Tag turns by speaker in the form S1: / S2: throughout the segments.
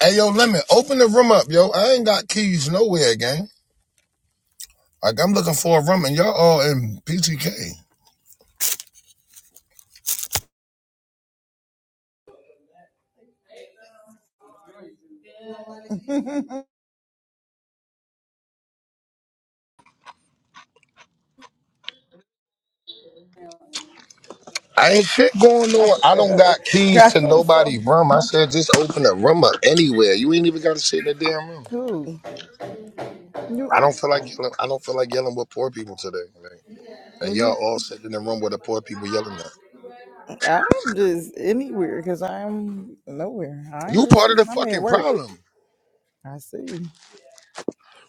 S1: Hey, yo, Lemon, open the room up, yo. I ain't got keys nowhere, gang. Like, I'm looking for a room, and y'all all in PTK. ain't shit going on. I don't
S2: Girl,
S1: got keys
S2: God,
S1: to
S2: I'm
S1: nobody
S2: so
S1: room. I said just open the room up anywhere. You ain't even got to sit in the damn room.
S2: cool. You,
S1: I don't feel like yelling. I don't feel like yelling with poor people today. man. And y'all
S2: you,
S1: all sitting in the room with the poor people yelling at.
S2: I'm just anywhere because I'm nowhere. I ain't
S1: You part of the
S2: listening. I'm at
S1: fucking
S2: work.
S1: problem.
S2: I see.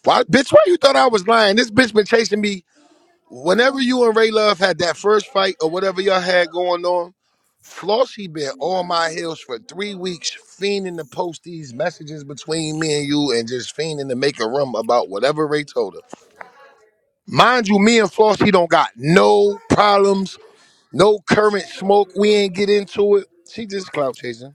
S1: Why, bitch? Why you thought I was lying? This bitch been chasing me whenever you and Ray Love had that first fight or whatever y'all had going on, Flossie been on my heels for three weeks, fiending to post these messages between me and you and just fiending to make a rum about whatever Ray told her. Mind you, me and Flossie don't got no problems, no current smoke. We ain't get into it. She just clout chasing.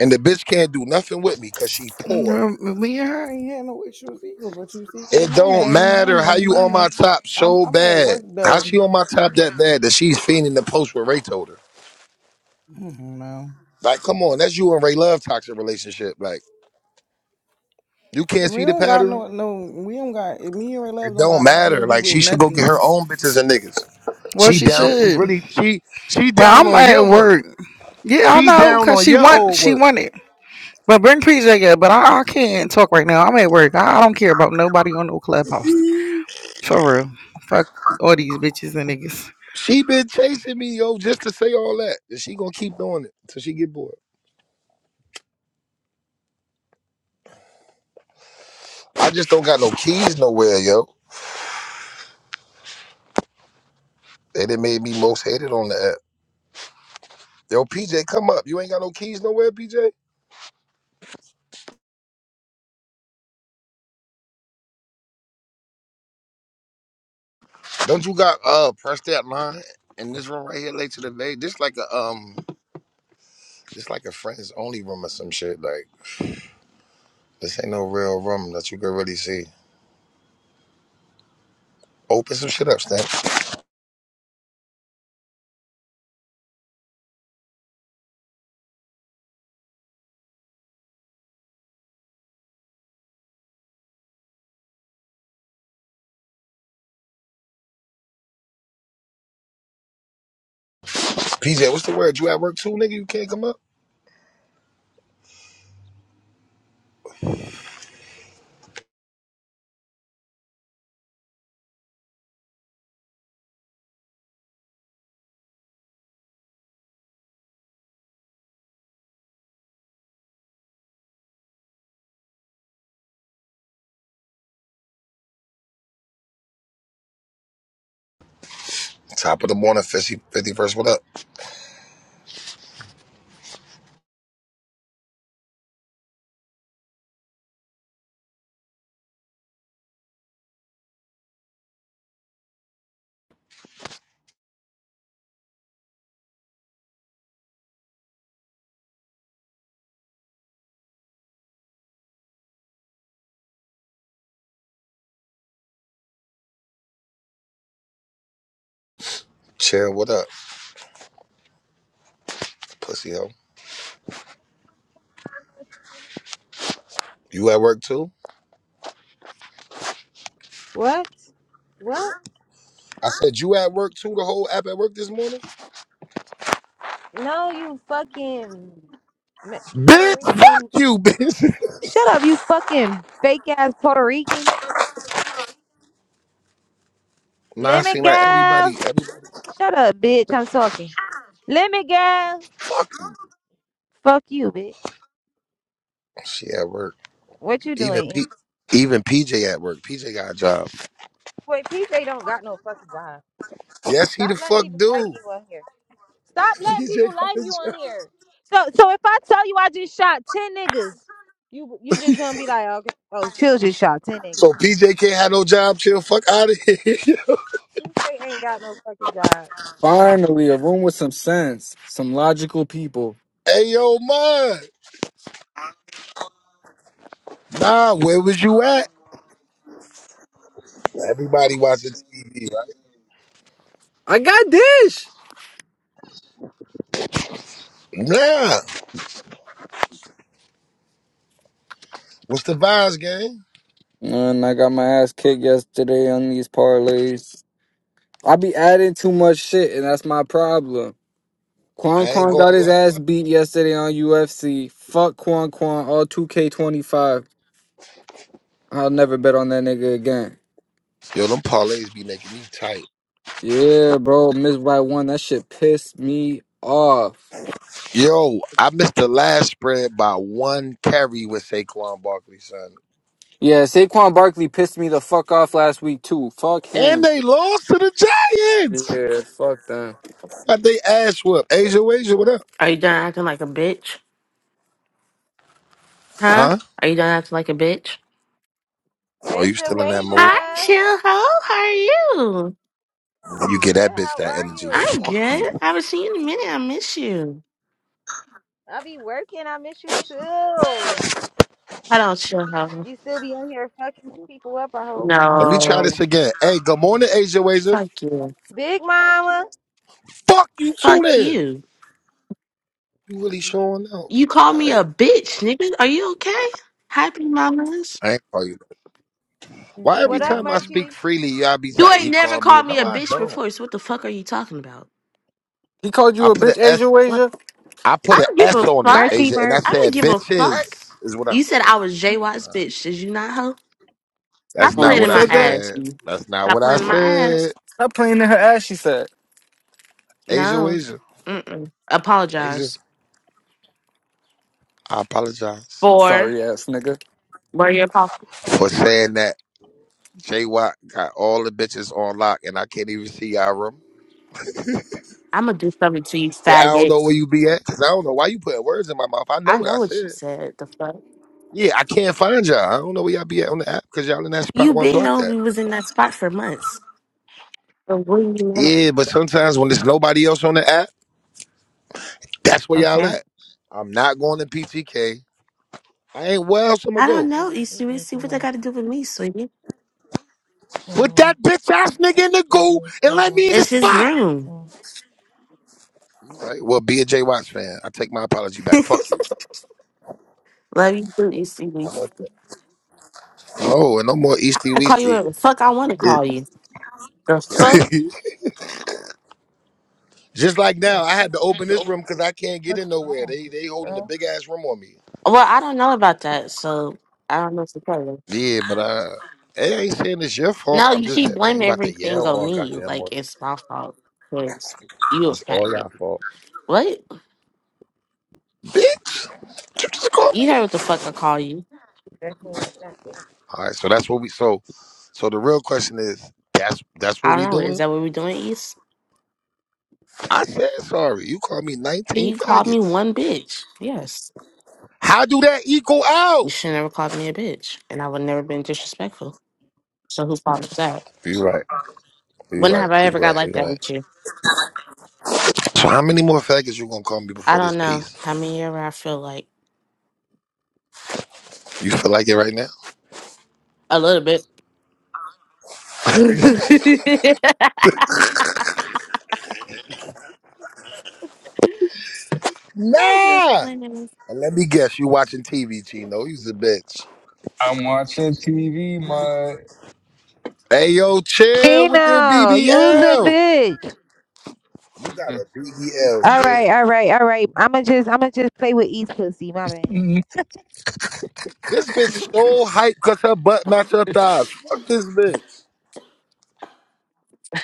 S1: And the bitch can't do nothing with me because she poor.
S2: Um, Me and her ain't had no issues either, but you see, yeah,
S1: It
S2: my
S1: don't
S2: name, my
S1: matter how
S2: name,
S1: you
S2: my
S1: on my
S2: name.
S1: top
S2: I'm
S1: so
S2: I'm at
S1: bad.
S2: work
S1: How
S2: though.
S1: she on my top that bad that she's fiending to post what Ray told her.
S2: I don't know.
S1: Like, come on, that's you and Ray Love toxic relationship. Like, you can't
S2: We
S1: see the
S2: don't got
S1: pattern.
S2: no no. We don't got me and her. Love
S1: It
S2: don't
S1: don't
S2: got nothing to
S1: matter.
S2: do
S1: Like,
S2: with
S1: she should go
S2: nothing.
S1: get her own bitches and niggas.
S2: Well,
S1: She
S2: she
S1: down. She
S2: should,
S1: really. She she
S2: but
S1: down
S2: I'm
S1: on
S2: at
S1: your work.
S2: work. Yeah, I
S1: She
S2: know,
S1: down
S2: cause
S1: on
S2: she
S1: your
S2: want
S1: old
S2: she
S1: work.
S2: wanted. But bring PJ up. But I, I can't talk right now. I'm at work. I, I don't care about nobody on no clubhouse. For real. Fuck all these bitches and niggas.
S1: She been chasing me, yo, just to say all that. And she gonna keep doing it till she get bored. I just don't got no keys nowhere, yo. They done made me most hated on the app. Yo, PJ, come up. You ain't got no keys nowhere, PJ. Don't you got uh press that line in this room right here later today? This like a um Just like a friends only room or some shit. Like this ain't no real room that you can really see. Open some shit up, Stan. PJ, what's the word? You at work too, nigga? You can't come up. Top of the morning, Fifty Fifty first. what up? Chill, what up? Pussy hoe. You at work too?
S3: What? What?
S1: I said you at work too. The whole app at work this morning.
S3: No, you fucking Me- Puerto
S1: Bitch, fuck
S3: Rican.
S1: you, bitch.
S3: Shut up, you fucking fake ass Puerto Rican.
S1: nah, I
S3: Let me
S1: seem like everybody,
S3: go.
S1: everybody.
S3: Shut up, bitch. I'm talking. Let me go. Fuck you, bitch.
S1: She at work.
S3: What you
S1: Even
S3: doing?
S1: P, even PJ at work. PJ got a job.
S3: Wait, PJ don't got no fucking job.
S1: Yes, he the
S3: Stop letting
S1: fuck
S3: people lie to
S1: do.
S3: you on here. Stop letting
S1: PJ
S3: people
S1: got
S3: lie
S1: a
S3: to you
S1: job.
S3: on here. So, so if I tell you I just shot ten niggas, you you just gonna be like, okay, oh, chill, just shot ten niggas.
S1: So PJ can't have no job. Chill, fuck out of here.
S3: PJ ain't got no fucking job.
S4: Finally, a room with some sense, some logical people.
S1: Hey yo, man. Nah, where was you at? Everybody watching TV, right?
S4: I got dish.
S1: Nah. What's the vibes, gang?
S4: And I got my ass kicked yesterday on these parlays. I be adding too much shit, and that's my problem. Quan
S1: I ain't
S4: Quan
S1: gonna
S4: got his
S1: lie.
S4: ass beat yesterday on UFC. Fuck Quan Quan, all 2K25. I'll never bet on that nigga again.
S1: Yo, them parlays be making me tight.
S4: Yeah, bro, missed by one. That shit pissed me off.
S1: Yo, I missed the last spread by one carry with Saquon Barkley, son.
S4: Yeah, Saquon Barkley pissed me the fuck off last week, too. Fuck
S1: And
S4: him.
S1: they lost to the Giants.
S4: Yeah, fuck that.
S1: Got they ass whooped. Asia, Asia, what up?
S5: Are you done acting like a bitch? Huh?
S1: Huh?
S5: Are you done acting like a bitch?
S1: Are you
S3: Asia,
S1: still in that mood?
S5: Hi,
S3: Wasia,
S5: chill ho. How are you?
S1: You get
S3: good.
S1: that bitch
S3: How
S1: that
S3: are
S1: energy.
S3: you?
S5: I'm
S1: Fuck
S5: good.
S1: you.
S5: I haven't seen you in a minute. I miss you.
S3: I be working. I miss you too.
S5: Hold on, chill ho.
S3: You still be on here fucking people up. I hope.
S1: Let me try
S5: No.
S1: this again. Hey, good morning, Asia, Asia.
S5: Fuck you.
S3: Big Mama,
S1: Fuck you too,
S5: Fuck
S1: then.
S5: you.
S1: You really showing out. All
S5: You call me
S1: right.
S5: a bitch, nigga. Are you okay? Happy mamas.
S1: I ain't call you.
S6: Good
S1: Why every
S3: what up,
S1: time I
S6: morning.
S1: speak
S3: Merchie?
S1: freely, y'all be
S5: You
S1: like,
S5: ain't
S1: he
S5: never
S1: called me.
S5: called me
S1: No,
S5: a
S1: I
S5: bitch
S1: don't.
S5: before, so what the fuck are you talking about?
S4: He called you
S1: I
S4: a
S1: put an
S4: bitch,
S1: S.
S4: Asia
S5: What?
S4: Asia?
S1: I put
S5: I
S1: an
S5: don't give
S1: S
S5: a
S1: on it,
S5: fuck.
S3: Merchie,
S1: Asia, and I
S5: I
S3: merch.
S5: don't
S1: said,
S5: give a fuck.
S1: bitches is what I
S5: You said
S1: said.
S5: I was J Watt's
S1: All right.
S5: bitch. Did you not, ho?
S1: That's
S5: Stop
S4: Oh,
S1: not
S5: playing
S4: you
S1: what
S5: in
S1: I
S5: my
S4: said that?
S5: ass.
S1: said.
S5: you.
S1: That's not
S5: Stop
S1: what I
S5: playing in my
S1: said.
S5: ass.
S4: Stop playing in her ass, she said.
S1: Asia,
S5: No.
S1: Asia,
S5: Mm-mm.
S1: Asia.
S5: Apologize.
S1: I apologize
S5: For
S4: Sorry ass nigga.
S5: where your apology.
S1: for saying that. J Watt got all the bitches on lock, and I can't even see y'all room.
S5: I'm going to do something to you,
S1: And I don't know
S5: faggot.
S1: where you be at, cause I don't know why you putting words in my mouth. I know
S5: I
S1: what
S5: know
S1: I
S5: what you
S1: said.
S5: said. The fuck?
S1: Yeah, I can't find y'all. I don't know where y'all be at on the app because y'all in that
S5: You
S1: spot where I
S5: been
S1: blocked
S5: know
S1: that.
S5: we was in that spot for months. But what do you want?
S1: Yeah, but sometimes when there's nobody else on the app, that's where y'all
S5: Okay.
S1: at. I'm not going to PTK. I ain't where else I'ma
S5: I don't
S1: go.
S3: She
S5: know,
S3: she
S5: Easty Weeks.
S3: does
S5: See
S3: too
S5: what they
S3: much.
S5: got to do with me, sweetie.
S1: Put
S3: 10,
S1: that bitch ass nigga in the goo
S3: 7,
S1: and let me in the
S5: It's his
S1: spot.
S5: room.
S3: seven,
S1: Right. Well, be a Jay Watts fan. I take my apology back. Fuck
S5: Love
S1: you.
S5: you, too, Easty Weeks.
S1: Oh, and no more Easty
S5: I call you
S1: Weasty.
S5: whatever the fuck I want to
S3: nineteen,
S1: It-
S5: call you. The fuck?
S1: Just like
S3: I
S1: now, I had to
S3: had
S1: open this room because I can't
S3: the
S1: get in nowhere. They they holding a big ass room on me.
S5: Well, I don't know about that, so I don't know what to tell you.
S1: Yeah, but I, I ain't saying it's your fault.
S5: No,
S1: I'm
S5: you
S1: just
S5: keep
S1: saying I ain't
S5: blaming
S1: about to
S5: everything
S1: yell
S5: on
S1: all
S5: me.
S1: goddamn
S5: Like
S1: morning.
S5: it's my fault. Because you a
S1: It's all
S5: faggot.
S1: y'all fault,
S5: What?
S1: bitch. You just called
S5: You
S1: me.
S5: heard what the fuck I call you.
S1: All right, so that's what we. So, so the real question is, that's that's
S5: I
S1: what we
S5: don't know. Is
S1: doing.
S5: that what we're doing, East?
S1: I said sorry. You called me
S5: And
S1: 19
S5: you called me
S1: faggots.
S5: one bitch. Yes.
S1: How do that equal
S5: You
S1: out?
S5: should never called me a bitch. And I would never been disrespectful. So whose fault is that?
S1: You right. You
S5: When
S1: right.
S5: have I
S1: You
S5: ever got
S1: right. You
S5: like that
S1: right.
S5: with you?
S1: So how many more faggots you gonna call me
S5: I
S1: before
S5: don't
S1: this
S5: know.
S1: piece?
S5: How many ever I feel like
S1: You feel like it right now?
S5: a little bit. I'm just
S1: Nah.
S5: blaming
S1: And let me guess, you watching TV, Chino. You's a bitch.
S4: I'm watching TV, my.
S1: Hey yo, chill with the
S3: Tino, you's a
S1: BBL.
S3: bitch.
S1: You got a BBL,
S3: All
S1: chill.
S3: right, all right, all right. I'ma just, I'ma just play with East pussy. My bad.
S1: This bitch so hyped because her butt match her thighs. Fuck this bitch.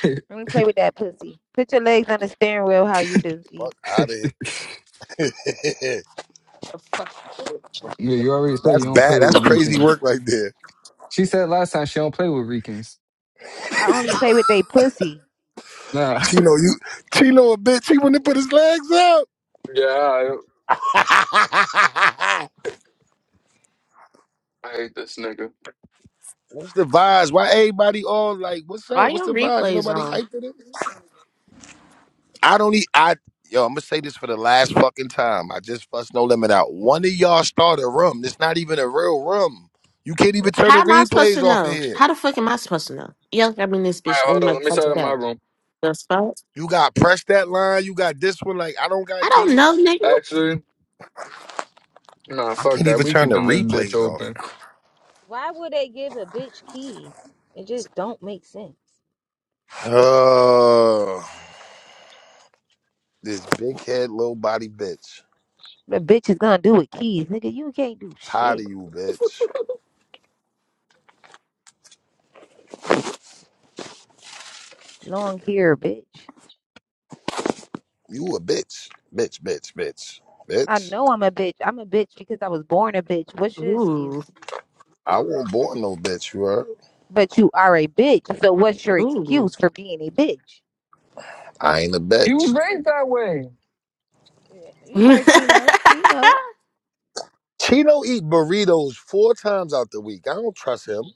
S4: yeah,
S3: Let me play with that pussy. Put your legs on the steering wheel, how you do, East.
S1: Fuck out of here.
S5: the fuck.
S4: you already said you
S1: That's
S4: don't play
S1: bad.
S4: with
S1: That's crazy
S4: Ricans.
S1: work right there.
S4: She said last time she don't play with Ricans.
S3: I only play with they pussy.
S4: Nah.
S1: Chino, you Chino a bitch. He wouldn't put his legs up.
S4: yeah, I, I hate this nigga. All right,
S1: what's the vibes? Why everybody all like, what's
S5: Why
S1: up? What's
S5: your
S1: the vibes? Ain't
S5: replays
S1: nobody
S5: on?
S1: hyped it I don't need I yo, I'm gonna say this for the last fucking time. I just fussed no limit out. One of y'all start a room. It's not even a real room. You can't even turn
S5: How
S1: the
S5: am I supposed
S1: replays
S5: to
S1: off in
S5: know?
S1: here.
S5: How the fuck am I supposed to know? Yo, I mean this bitch
S4: hold
S5: on
S4: on.
S5: my
S4: Let me start
S5: fucking
S4: in my
S5: day.
S4: room.
S5: The fuck?
S1: You got press that line, you got this one, like I don't got
S5: I don't know,
S1: keys.
S5: nigga.
S4: Actually, nah,
S1: I
S4: fuck
S1: can't
S4: that.
S1: even
S4: We
S1: turn the
S4: keeping this bitch
S1: replays off.
S4: open.
S3: Why would they give a bitch keys? It just don't make sense.
S1: Oh this big head, low body bitch.
S3: The bitch is gonna do with keys, nigga. You can't do
S1: Tired
S3: shit.
S1: of you, bitch.
S3: Long hair, bitch.
S1: You a bitch. Bitch, bitch, bitch.
S3: I
S1: Bitch.
S3: know I'm a bitch. I'm a bitch because I was born a bitch. What's your excuse?
S5: Ooh,
S1: I won't born no bitch, you heard?
S3: But you are a bitch. So what's your
S5: ooh.
S3: excuse for being a bitch?
S1: I ain't a
S4: You
S1: bitch.
S4: was raised that way.
S3: Yeah, You heard Chino. He know.
S1: Chino eat burritos four times out the week. I don't trust him.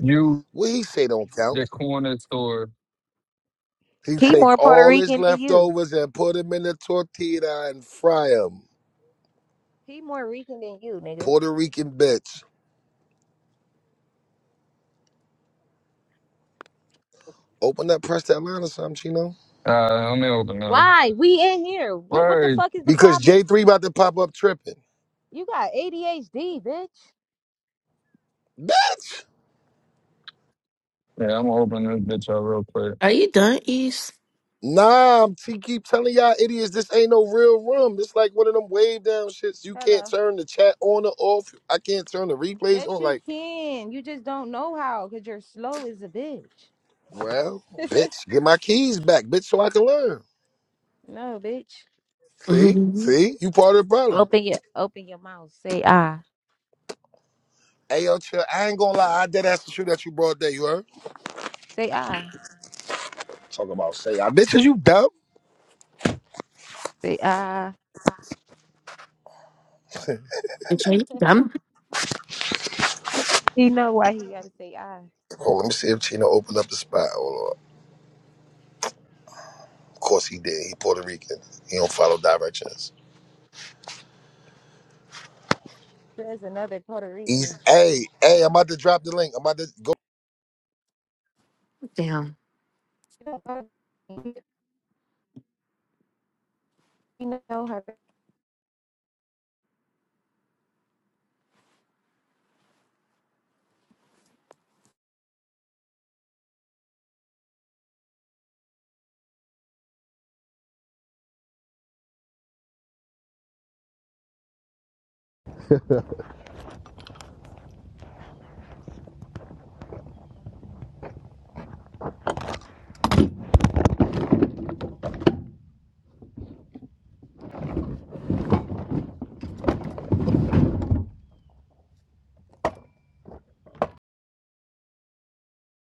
S4: You,
S1: What he say don't count.
S4: the corner store.
S1: He
S3: He more
S1: take
S3: Puerto
S1: all his
S3: Rican than you.
S1: leftovers and put them in the tortilla and fry them.
S3: He more Rican than you, nigga.
S1: Puerto Rican bitch. Open up, press that line or something, Chino.
S4: Uh, let me open up.
S3: Why? We in here. What what the
S4: Word.
S3: fuck is the
S1: Because
S3: problem?
S1: J3 about to pop up tripping.
S3: You got ADHD, bitch.
S4: Yeah, I'm gonna open this bitch up real quick.
S5: Are you done, East?
S1: Nah, I'm- she keep telling y'all idiots this ain't no real room. This like one of them wave down shits. You can't
S3: Hello.
S1: turn the chat on or off. I can't turn the replays
S3: Yes,
S1: on.
S3: you
S1: Like,
S3: can. You just don't know how because you're slow as a bitch.
S1: well, bitch, get my keys back, bitch, so I can learn.
S3: No, bitch.
S1: See,
S5: Mm-hmm.
S1: see, you part of the problem.
S3: Open your open your mouth. Say ah.
S1: Hey, yo, chill. I ain't gonna lie. I did ask the shoe that you brought there. You heard?
S3: Say ah.
S1: Talk about say, I bitches, you dumb.
S3: Say ah.
S5: you dumb?
S3: He know why he gotta say ah.
S1: Oh, let me see if Chino opened up the spot. Hold on. Of course he did. He Puerto Rican. He don't follow directions.
S3: There's another Puerto
S1: He's
S3: Rican.
S1: hey, hey. I'm about to drop the link. I'm about to go
S5: Damn.
S3: You know her